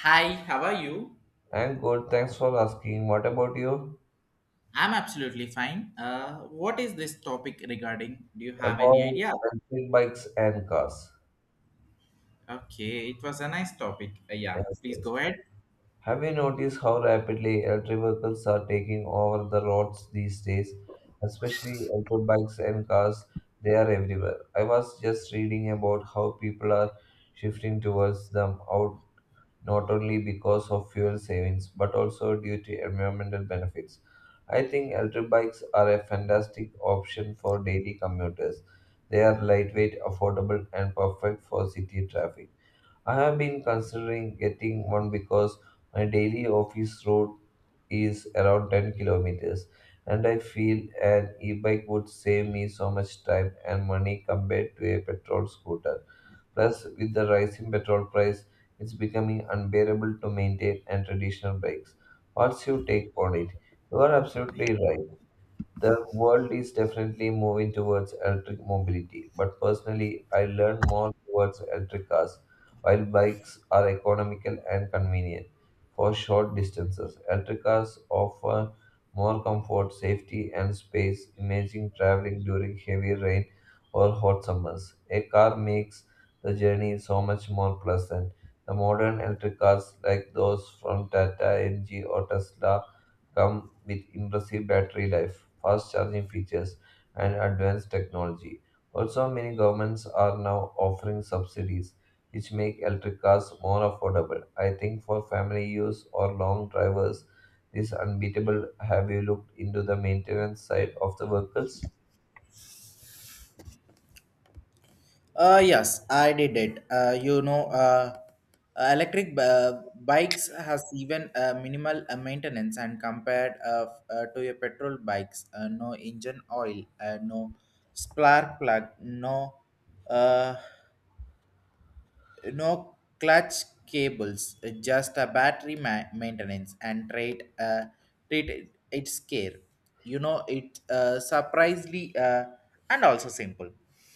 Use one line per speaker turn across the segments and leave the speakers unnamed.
Hi, how are you?
And good, thanks for asking. What about you?
I'm absolutely fine. What is this topic regarding? Do you have any
About
idea?
electric bikes and cars.
Okay, it was a nice topic. Yeah,
Yes,
please
yes.
go ahead.
Have you noticed how rapidly electric vehicles are taking over the roads these days? Especially electric bikes and cars, they are everywhere. I was just reading about how people are shifting towards them out not only because of fuel savings but also due to environmental benefits. I think electric bikes are a fantastic option for daily commuters. They are lightweight, affordable, and perfect for city traffic. I have been considering getting one because my daily office route is around 10 kilometers, and I feel an e bike would save me so much time and money compared to a petrol scooter. Plus, with the rise in petrol price, it's becoming unbearable to maintain and traditional bikes. What's your take on it? You are absolutely right. The world is definitely moving towards electric mobility, but personally, I lean more towards electric cars, while bikes are economical and convenient for short distances. Electric cars offer more comfort, safety, and space. Imagine traveling during heavy rain or hot summers. A car makes the journey so much more pleasant. The modern electric cars, like those from Tata, MG, or Tesla, come with impressive battery life, fast charging features, and advanced technology. Also, many governments are now offering subsidies, which make electric cars more affordable. I think for family use or long drivers, this unbeatable. Have you looked into the maintenance side of the vehicles?
Yes, I did it. Electric bikes has even minimal maintenance and compared to your petrol bikes, no engine oil, no spark plug, no. Uh, no clutch cables, just a battery maintenance and trade treat it, its care. You know, it surprisingly and also simple.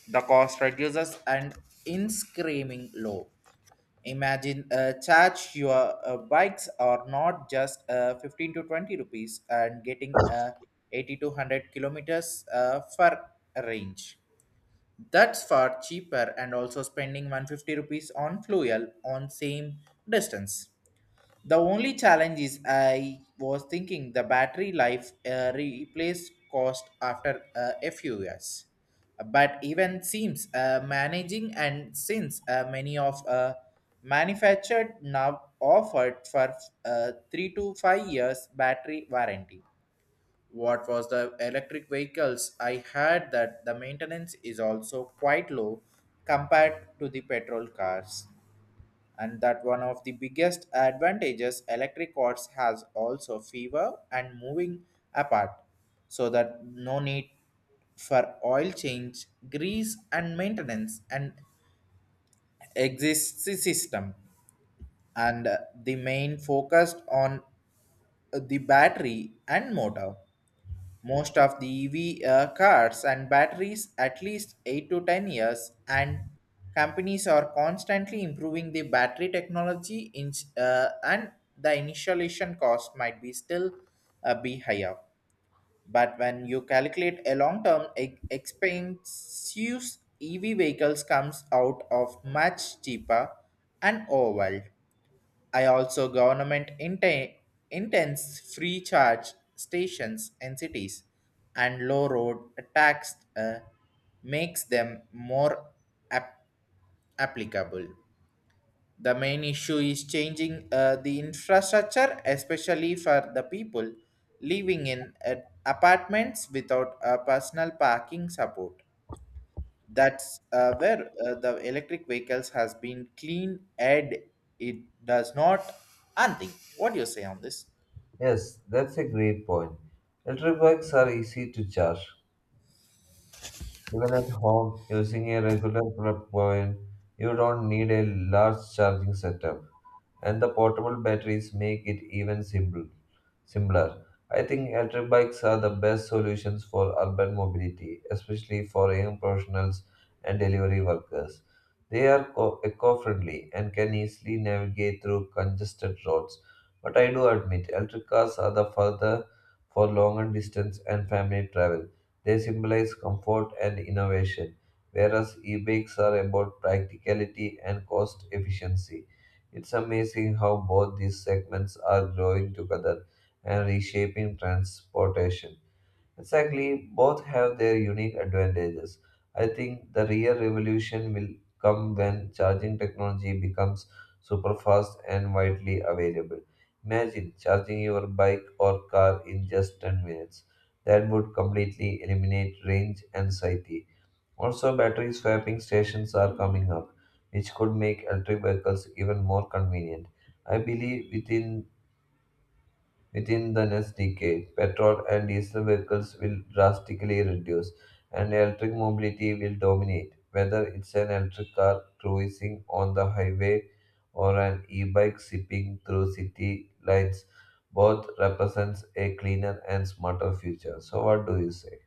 The cost reduces and in screaming low. Imagine charge your bikes are not just 15 to 20 rupees and getting 80 to 100 kilometers for range. That's far cheaper and also spending 150 rupees on fuel on same distance. The only challenge is I was thinking the battery life replace cost after a few years. But even seems managing and since many of manufactured now offered for 3 to 5 years battery warranty what was the electric vehicles? I heard that the maintenance is also quite low compared to the petrol cars, and that one of the biggest advantages electric cars has also fewer and moving apart, so that no need for oil change, grease, and maintenance and exists system, and the main focused on the battery and motor most of the EV cars and batteries at least 8 to 10 years, and companies are constantly improving the battery technology in, and The initialization cost might be still be higher, but when you calculate a long term expensive EV vehicles comes out of much cheaper and overwhelmed. I also government intends free charge stations in cities and low road tax makes them more ap- applicable. The main issue is changing the infrastructure, especially for the people living in apartments without a personal parking support. That's where the electric vehicles has been clean and it does not and think. What do you say on this?
Yes, that's a great point. Electric bikes are easy to charge. Even at home, using a regular plug point, you don't need a large charging setup, and the portable batteries make it even simpler. I think electric bikes are the best solutions for urban mobility, especially for young professionals and delivery workers. They are eco-friendly and can easily navigate through congested roads. But I do admit, electric cars are the further for longer distance and family travel. They symbolize comfort and innovation, whereas e-bikes are about practicality and cost efficiency. It's amazing how both these segments are growing together and reshaping transportation. Exactly, both have their unique advantages. I think the real revolution will come when charging technology becomes super fast and widely available. Imagine charging your bike or car in just 10 minutes. That would completely eliminate range anxiety. Also, battery swapping stations are coming up, which could make electric vehicles even more convenient. I believe within the next decade, petrol and diesel vehicles will drastically reduce, and electric mobility will dominate. Whether it's an electric car cruising on the highway or an e-bike zipping through city lights, both represents a cleaner and smarter future. So, what do you say?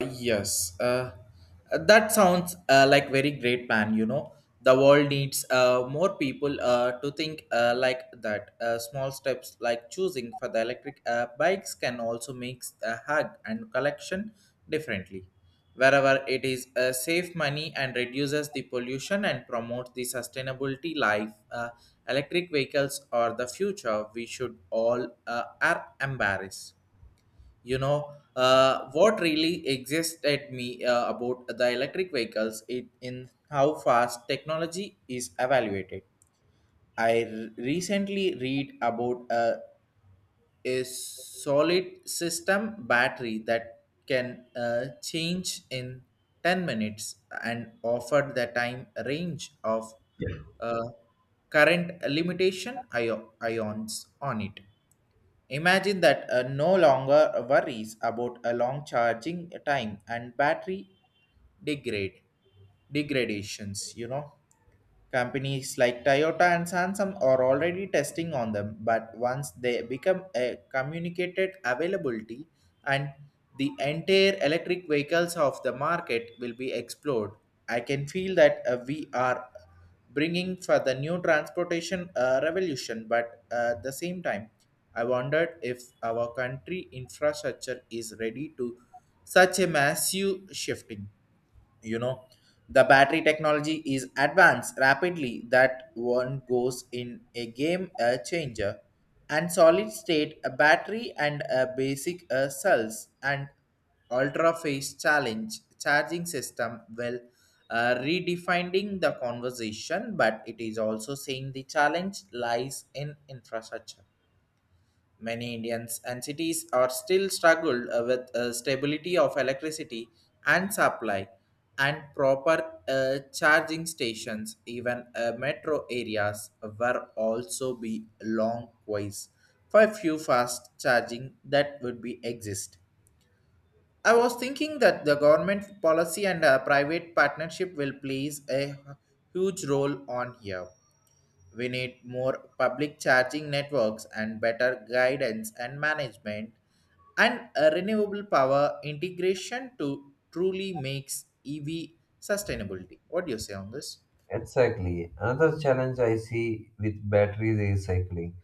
Yes, that sounds like very great plan. You know, the world needs more people to think like that. Small steps like choosing for the electric bikes can also make the hug and collection differently. Wherever it is save money and reduces the pollution and promotes the sustainability life. Electric vehicles are the future. We should all are embarrassed. You know, what really exists at me about the electric vehicles it, in how fast technology is evaluated. I recently read about a solid system battery that can change in 10 minutes and offer the time range of uh, current limitation ions on it. Imagine that no longer worries about a long charging time and battery degrade degradations, you know. Companies like Toyota and Samsung are already testing on them, but once they become a communicated availability and the entire electric vehicles of the market will be explored, I can feel that we are bringing for the new transportation revolution. But at the same time, I wondered if our country infrastructure is ready to such a massive shifting, you know, the battery technology is advanced rapidly that one goes in a game a changer and solid state a battery and a basic cells and ultra phase challenge charging system will redefining the conversation, but it is also saying the challenge lies in infrastructure. Many Indians and cities are still struggled with stability of electricity and supply and proper charging stations even metro areas were also be long ways for a few fast charging that would be exist. I was thinking that the government policy and private partnership will plays a huge role on here. We need more public charging networks and better guidance and management and a renewable power integration to truly makes EV sustainability. What do you say on this?
Exactly. Another challenge I see with battery recycling.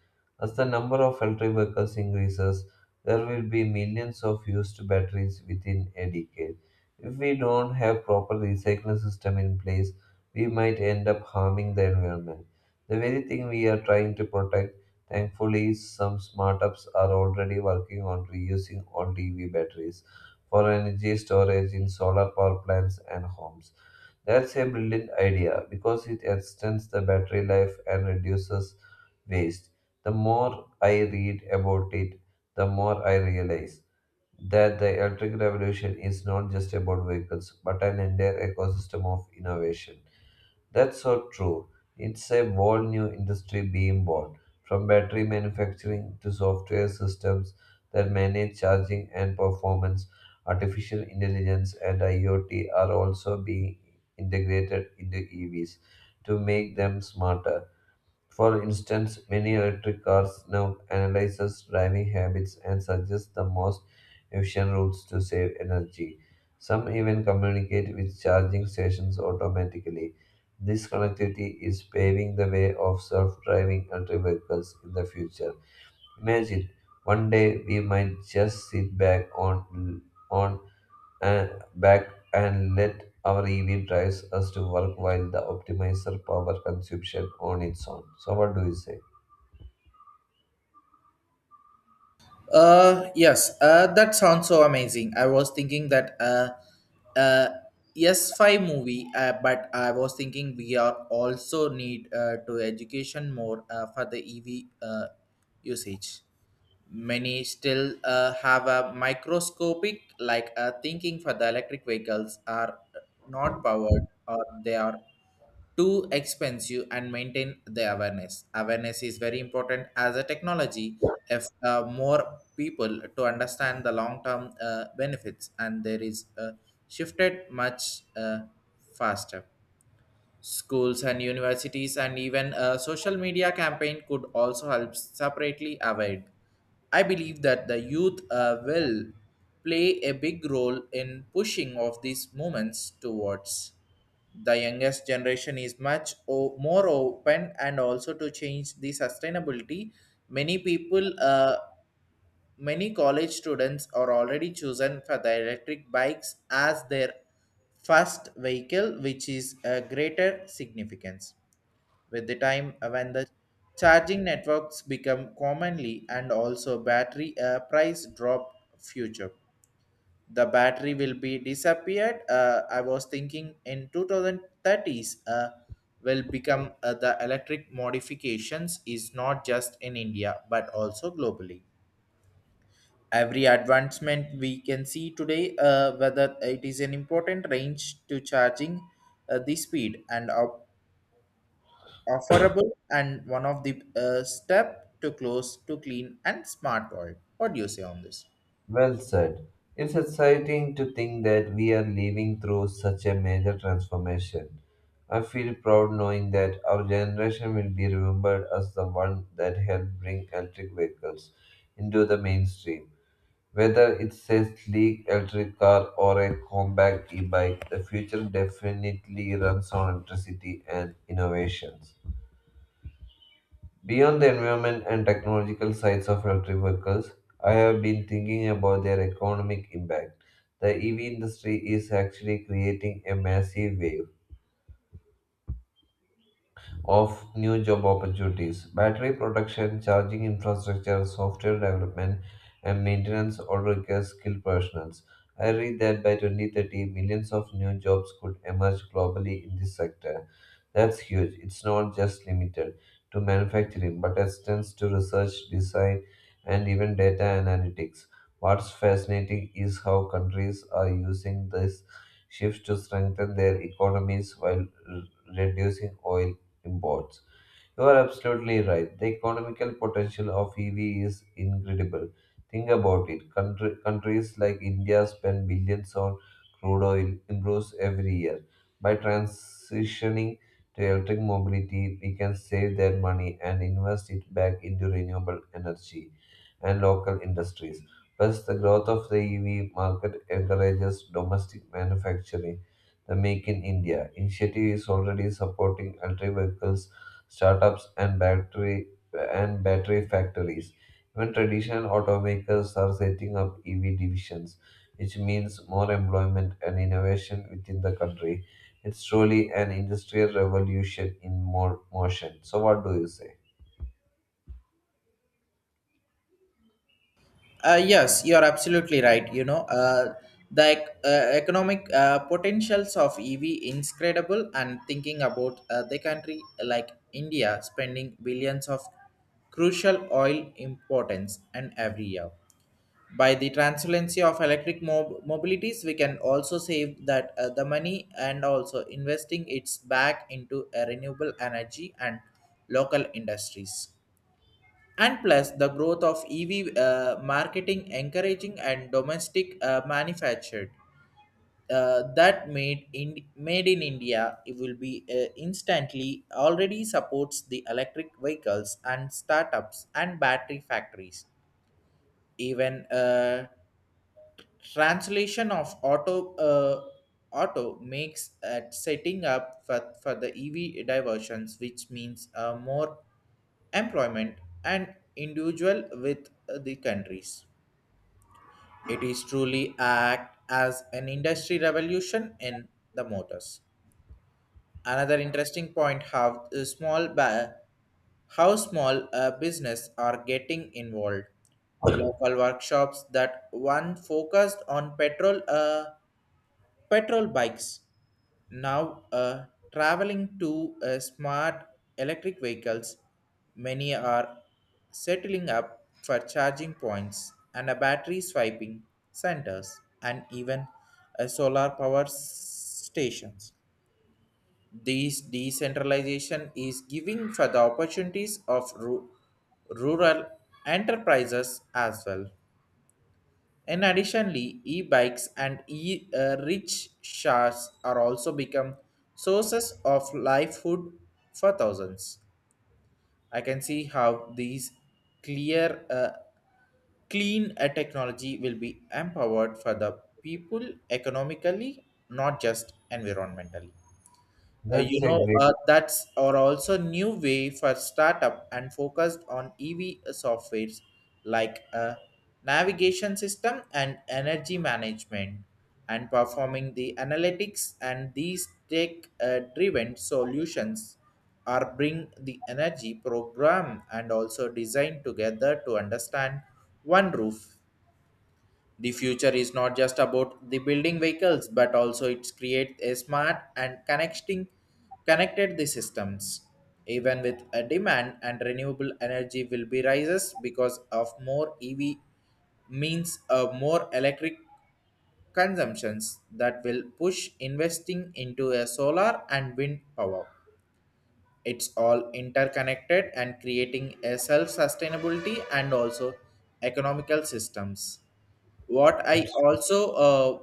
As the number of electric vehicles increases, there will be millions of used batteries within a decade. If we don't have proper recycling system in place, we might end up harming the environment. The very thing we are trying to protect, thankfully, some startups are already working on reusing old EV batteries for energy storage in solar power plants and homes. That's a brilliant idea because it extends the battery life and reduces waste. The more I read about it, the more I realize that the electric revolution is not just about vehicles but an entire ecosystem of innovation. That's so true. It's a whole new industry being born, from battery manufacturing to software systems that manage charging and performance. Artificial intelligence and IoT are also being integrated into EVs to make them smarter. For instance, many electric cars now analyze driving habits and suggest the most efficient routes to save energy. Some even communicate with charging stations automatically. This connectivity is paving the way of self-driving electric vehicles in the future. Imagine one day we might just sit back on and back and let our EV drives us to work while the optimizer power consumption on its own. So what do you say?
Yes, that sounds so amazing. I was thinking that uh, yes, 5 movie, but I was thinking we are also need to education more for the EV usage. Many still have a microscopic like thinking for the electric vehicles are not powered or they are too expensive and maintain the awareness is very important as a technology. If more people to understand the long term benefits and there is shifted much faster. Schools and universities and even a social media campaign could also help separately avoid. I believe that the youth will play a big role in pushing of these movements towards. The youngest generation is much more open and also to change the sustainability. Many people uh, Many college students are already chosen for the electric bikes as their first vehicle, which is a greater significance. With the time when the charging networks become commonly and also battery price drop future, the battery will be disappeared. I was thinking in 2030s will become the electric modifications is not just in India but also globally. Every advancement we can see today whether it is an important range to charging the speed and offerable and one of the step to close to clean and smart world. What do you say on this?
Well said. It's exciting to think that we are living through such a major transformation. I feel proud knowing that our generation will be remembered as the one that helped bring electric vehicles into the mainstream. Whether it's a sleek electric car or a compact e-bike, the future definitely runs on electricity and innovations. Beyond the environment and technological sides of electric vehicles, I have been thinking about their economic impact. The EV industry is actually creating a massive wave of new job opportunities. Battery production, charging infrastructure, software development, and maintenance all require skilled professionals. I read that by 2030, millions of new jobs could emerge globally in this sector. That's huge. It's not just limited to manufacturing, but extends to research, design, and even data analytics. What's fascinating is how countries are using this shift to strengthen their economies while r- reducing oil imports. You are absolutely right. The economical potential of EV is incredible. Think about it. Countries like India spend billions on crude oil improves every year. By transitioning to electric mobility, we can save that money and invest it back into renewable energy and local industries. Plus, the growth of the EV market encourages domestic manufacturing. The Make in India initiative is already supporting electric vehicles, startups, and battery factories. Even traditional automakers are setting up EV divisions, which means more employment and innovation within the country. It's truly an industrial revolution in more motion. So, what do you say?
Yes, you are absolutely right. You know, the economic potentials of EV incredible and thinking about the country like India spending billions of crucial oil importance and every year, by the transparency of electric mobilities we can also save that the money and also investing it's back into a renewable energy and local industries, and plus the growth of EV marketing encouraging and domestic manufactured that made in India. It will be instantly already supports the electric vehicles and startups and battery factories, even Translation of auto makes at setting up for the EV diversions, which means more employment and individual with the countries. It is truly act as an industry revolution in the motors. Another interesting point: how small business are getting involved. Local workshops that one focused on petrol bikes now are traveling to smart electric vehicles. Many are settling up for charging points and a battery swiping centers and even a solar power stations. These decentralization is giving for the opportunities of rural enterprises as well. In additionally, e-bikes and e-rickshaws are also become sources of livelihood for thousands. I can see how these clear, uh, clean technology will be empowered for the people economically, not just environmentally.
That's
You
a
know,
great.
that's are also new way for startup and focused on EV softwares like a navigation system and energy management and performing the analytics, and these tech driven solutions are bring the energy program and also design together to understand one roof. The future is not just about the building vehicles, but also it creates a smart and connecting connected the systems. Even with a demand and renewable energy will be rises because of more EV means a more electric consumptions that will push investing into a solar and wind power. It's all interconnected and creating a self-sustainability and also economical systems. what i also uh,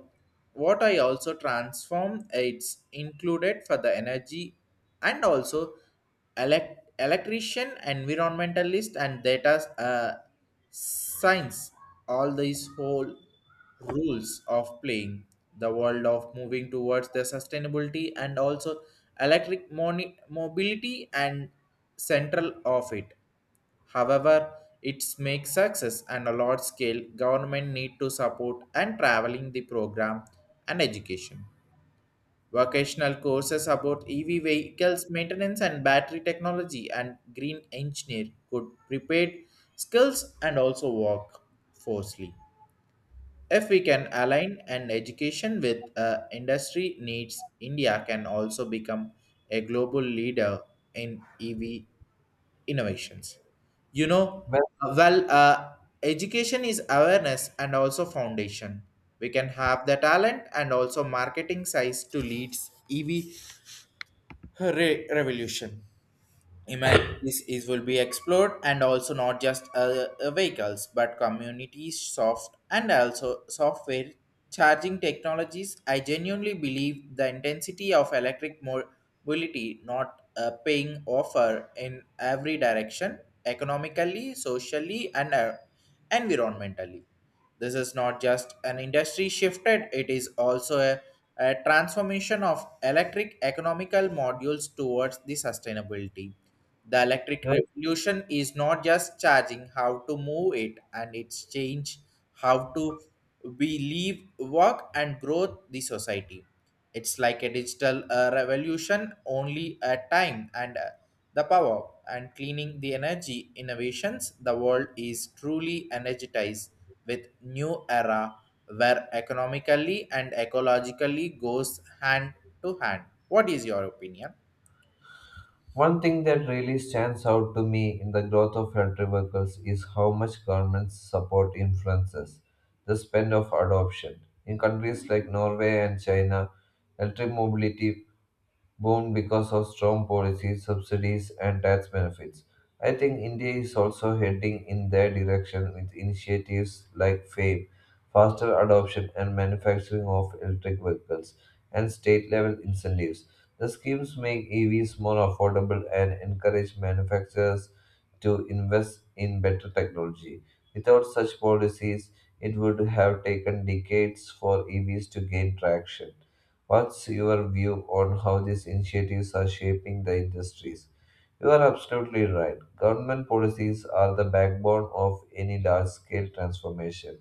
what i also transform it's included for the energy and also electrician environmentalist and data science. All these whole rules of playing the world of moving towards the sustainability and also electric mobility and central of it. However, its make success and a large scale government need to support and traveling the program and education. Vocational courses about EV vehicles maintenance and battery technology and green engineer could prepare skills and also work forcefully. If we can align an education with industry needs, India can also become a global leader in EV innovations. You know,
Well,
well, education is awareness and also foundation. We can have the talent and also marketing size to lead EV revolution. Imagine this is will be explored and also not just vehicles but communities, soft and also software charging technologies. I genuinely believe the intensity of electric mobility not paying offer in every direction, economically, socially, and environmentally. This is not just an industry shifted, it is also a transformation of electric economical modules towards the sustainability. The electric
you.
revolution is not just charging how to move it and it's change how to we live, work and grow the society. It's like a digital revolution only a time and the power and cleaning the energy innovations the world is truly energized with new era where economically and ecologically goes hand to hand. What is your opinion?
One thing that really stands out to me in the growth of elderly workers is how much government support influences the spend of adoption. In countries like Norway and China, elderly mobility boomed because of strong policies, subsidies, and tax benefits. I think India is also heading in their direction with initiatives like FAME, faster adoption and manufacturing of electric vehicles, and state level incentives. The schemes make EVs more affordable and encourage manufacturers to invest in better technology. Without such policies, it would have taken decades for EVs to gain traction. What's your view on how these initiatives are shaping the industries? You are absolutely right. Government policies are the backbone of any large scale transformation.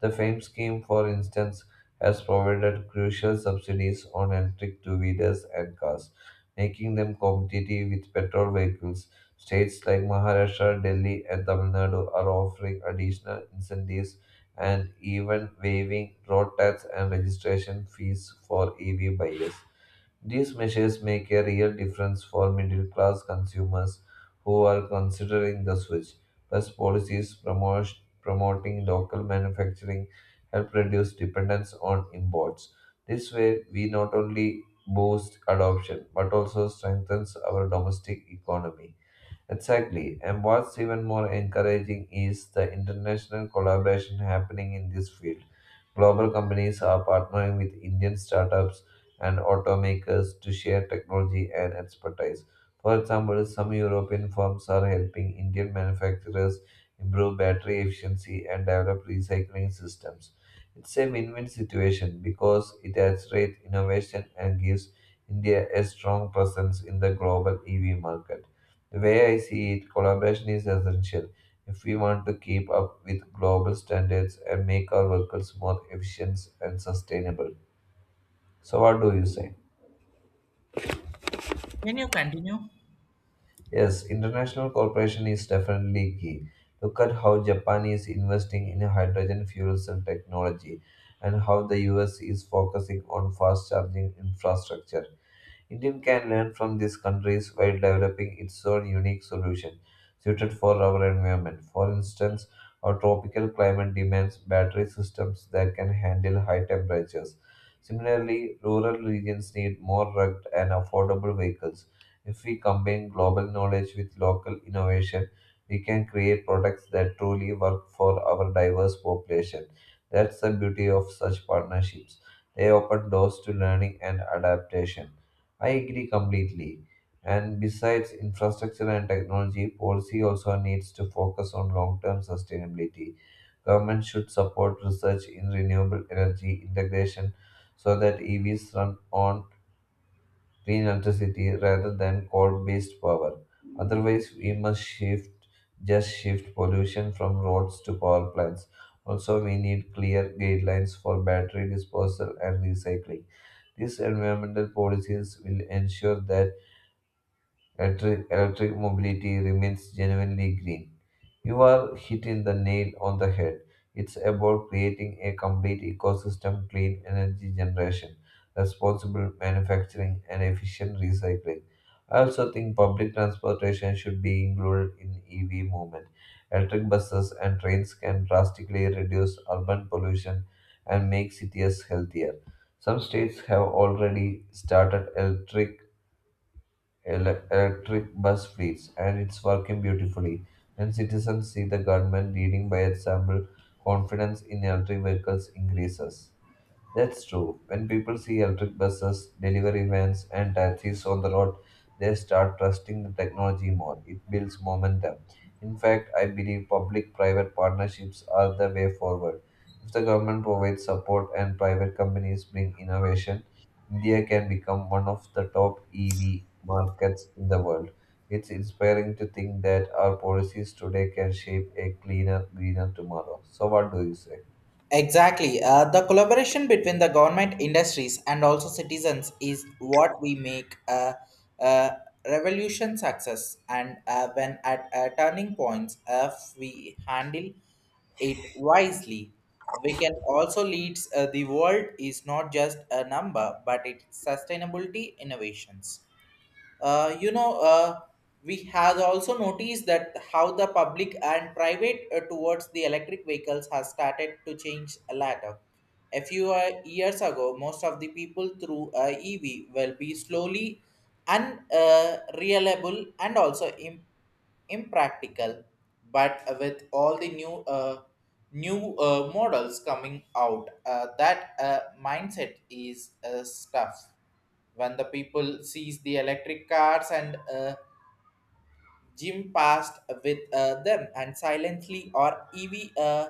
The FAME scheme, for instance, has provided crucial subsidies on electric two wheelers and cars, making them competitive with petrol vehicles. States like Maharashtra, Delhi, and Tamil Nadu are offering additional incentives and even waiving road tax and registration fees for EV buyers. These measures make a real difference for middle class consumers who are considering the switch. Plus, promoting local manufacturing help reduce dependence on imports. This way, we not only boost adoption but also strengthens our domestic economy. Exactly. And what's even more encouraging is the international collaboration happening in this field. Global companies are partnering with Indian startups and automakers to share technology and expertise. For example, some European firms are helping Indian manufacturers improve battery efficiency and develop recycling systems. It's a win win situation because it accelerates innovation and gives India a strong presence in the global EV market. The way I see it, collaboration is essential if we want to keep up with global standards and make our vehicles more efficient and sustainable. So, what do you say?
Can you continue?
Yes, international cooperation is definitely key. Look at how Japan is investing in hydrogen fuels and technology, and how the US is focusing on fast charging infrastructure. India can learn from these countries while developing its own unique solution suited for our environment. For instance, our tropical climate demands battery systems that can handle high temperatures. Similarly, rural regions need more rugged and affordable vehicles. If we combine global knowledge with local innovation, we can create products that truly work for our diverse population. That's the beauty of such partnerships. They open doors to learning and adaptation. I agree completely. And besides infrastructure and technology, policy also needs to focus on long term sustainability. Government should support research in renewable energy integration so that EVs run on clean electricity rather than coal based power. Otherwise, we must shift just shift pollution from roads to power plants. Also, we need clear guidelines for battery disposal and recycling. These environmental policies will ensure that electric mobility remains genuinely green. You are hitting the nail on the head. It's about creating a complete ecosystem, clean energy generation, responsible manufacturing, and efficient recycling. I also think public transportation should be included in EV movement. Electric buses and trains can drastically reduce urban pollution and make cities healthier. Some states have already started electric bus fleets, and it's working beautifully. When citizens see the government leading by example, confidence in electric vehicles increases. That's true. When people see electric buses, delivery vans, and taxis on the road, they start trusting the technology more. It builds momentum. In fact, I believe public private partnerships are the way forward. If the government provides support and private companies bring innovation, India can become one of the top EV markets in the world. It's inspiring to think that our policies today can shape a cleaner, greener tomorrow. So, what do you say?
Exactly. The collaboration between the government, industries, and also citizens is what we make a revolution success. And when at turning points, if we handle it wisely, we can also lead the world is not just a number, but it's sustainability innovations. You know, we have also noticed that how the public and private towards the electric vehicles has started to change a lot. A few years ago, most of the people through EV will be slowly unreliable and also impractical. But with all the new models coming out, that mindset is stuff. When the people sees the electric cars and Jim passed with them and silently or EV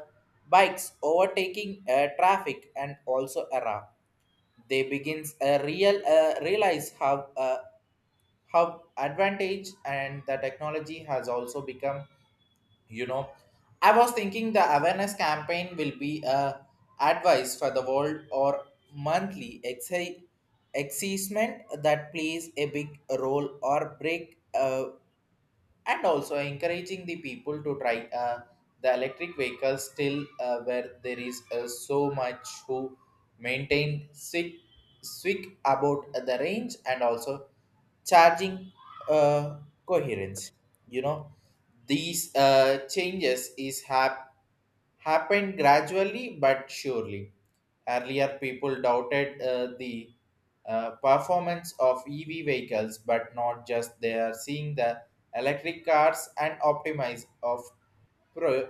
bikes overtaking traffic and also era, they begins realize how advantage and the technology has also become. You know, I was thinking the awareness campaign will be a advice for the world or monthly excitement that plays a big role or break, and also encouraging the people to try the electric vehicles still where there is so much who maintain sick about the range and also charging uh, coherence, you know. These changes is happening happened gradually but surely. Earlier, people doubted the performance of EV vehicles, but not just they are seeing the electric cars and optimize of pro-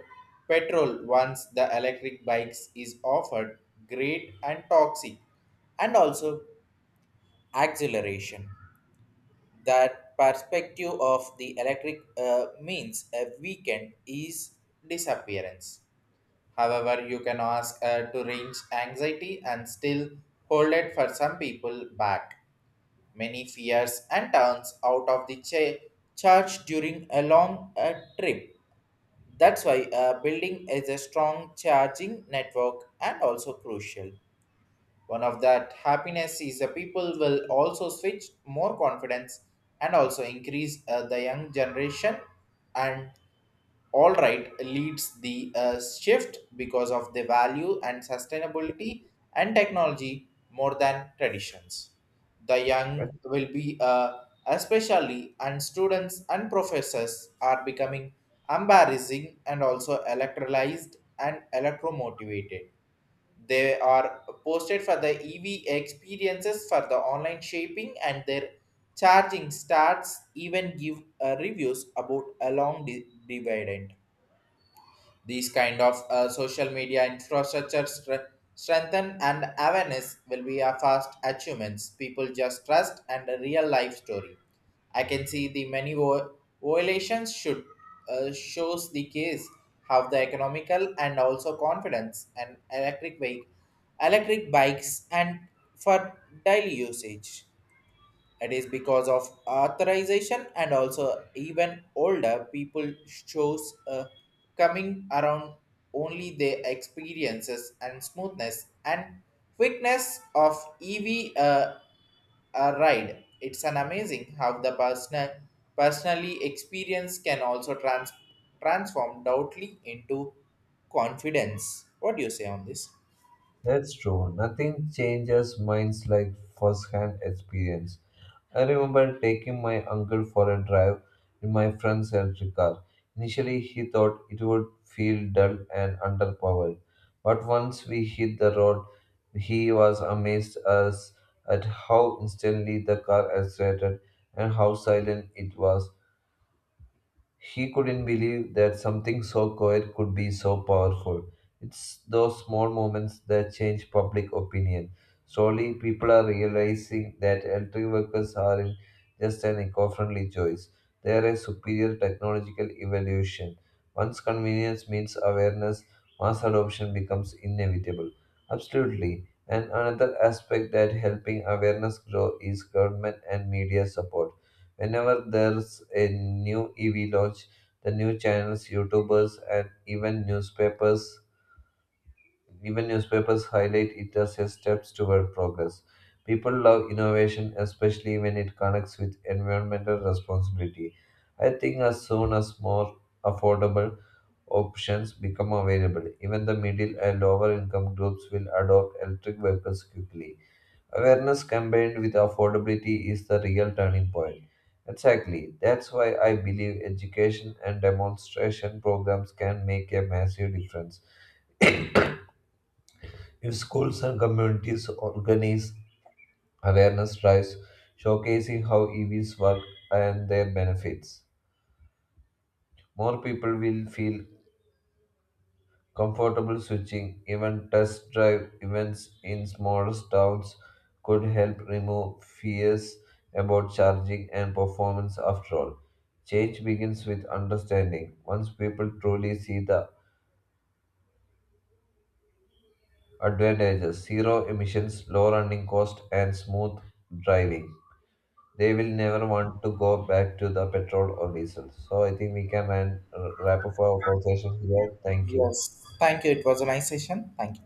petrol once the electric bikes is offered great and toxic and also acceleration. That perspective of the electric means a weekend is disappearance. However, you can ask to range anxiety and still hold it for some people back. Many fears and turns out of the charge during a long trip. That's why building is a strong charging network and also crucial. One of that happiness is the people will also switch more confidence and also increase the young generation, and all right leads the shift because of the value and sustainability and technology more than traditions. The young will be especially and students and professors are becoming embarrassing and also electrolyzed and electromotivated. They are posted for the EV experiences for the online shaping and their charging starts even give reviews about a long dividend. These kind of social media infrastructure strengthen and awareness will be a fast achievements. People just trust and a real life story. I can see the many violations should shows the case how the economical and also confidence and electric bikes and for daily usage. It is because of authorization and also even older people shows coming around only their experiences and smoothness and quickness of EV ride. It's an amazing how the personally experience can also transform doubtly into confidence. What do you say on this?
That's true. Nothing changes minds like first-hand experience. I remember taking my uncle for a drive in my friend's electric car. Initially, he thought it would feel dull and underpowered, but once we hit the road, he was amazed as at how instantly the car accelerated and how silent it was. He couldn't believe that something so quiet could be so powerful. It's those small moments that change public opinion. Slowly, people are realizing that electric vehicles aren't just an eco friendly choice, they are a superior technological evolution. Once convenience meets awareness, mass adoption becomes inevitable. Absolutely. And another aspect that helping awareness grow is government and media support. Whenever there's a new EV launch, the new channels, YouTubers, and even newspapers highlight it as a steps toward progress. People love innovation, especially when it connects with environmental responsibility. I think as soon as more affordable options become available, even the middle and lower income groups will adopt electric vehicles quickly. Awareness combined with affordability is the real turning point. Exactly. That's why I believe education and demonstration programs can make a massive difference. If schools and communities organize awareness drives showcasing how EVs work and their benefits, more people will feel comfortable switching, even test drive events in small towns, could help remove fears about charging and performance. After all, change begins with understanding. Once people truly see the advantages, zero emissions, low running cost, and smooth driving, they will never want to go back to the petrol or diesel. So I think we can wrap up our conversation here. Thank you.
Yes. Thank you. It was a nice session. Thank you.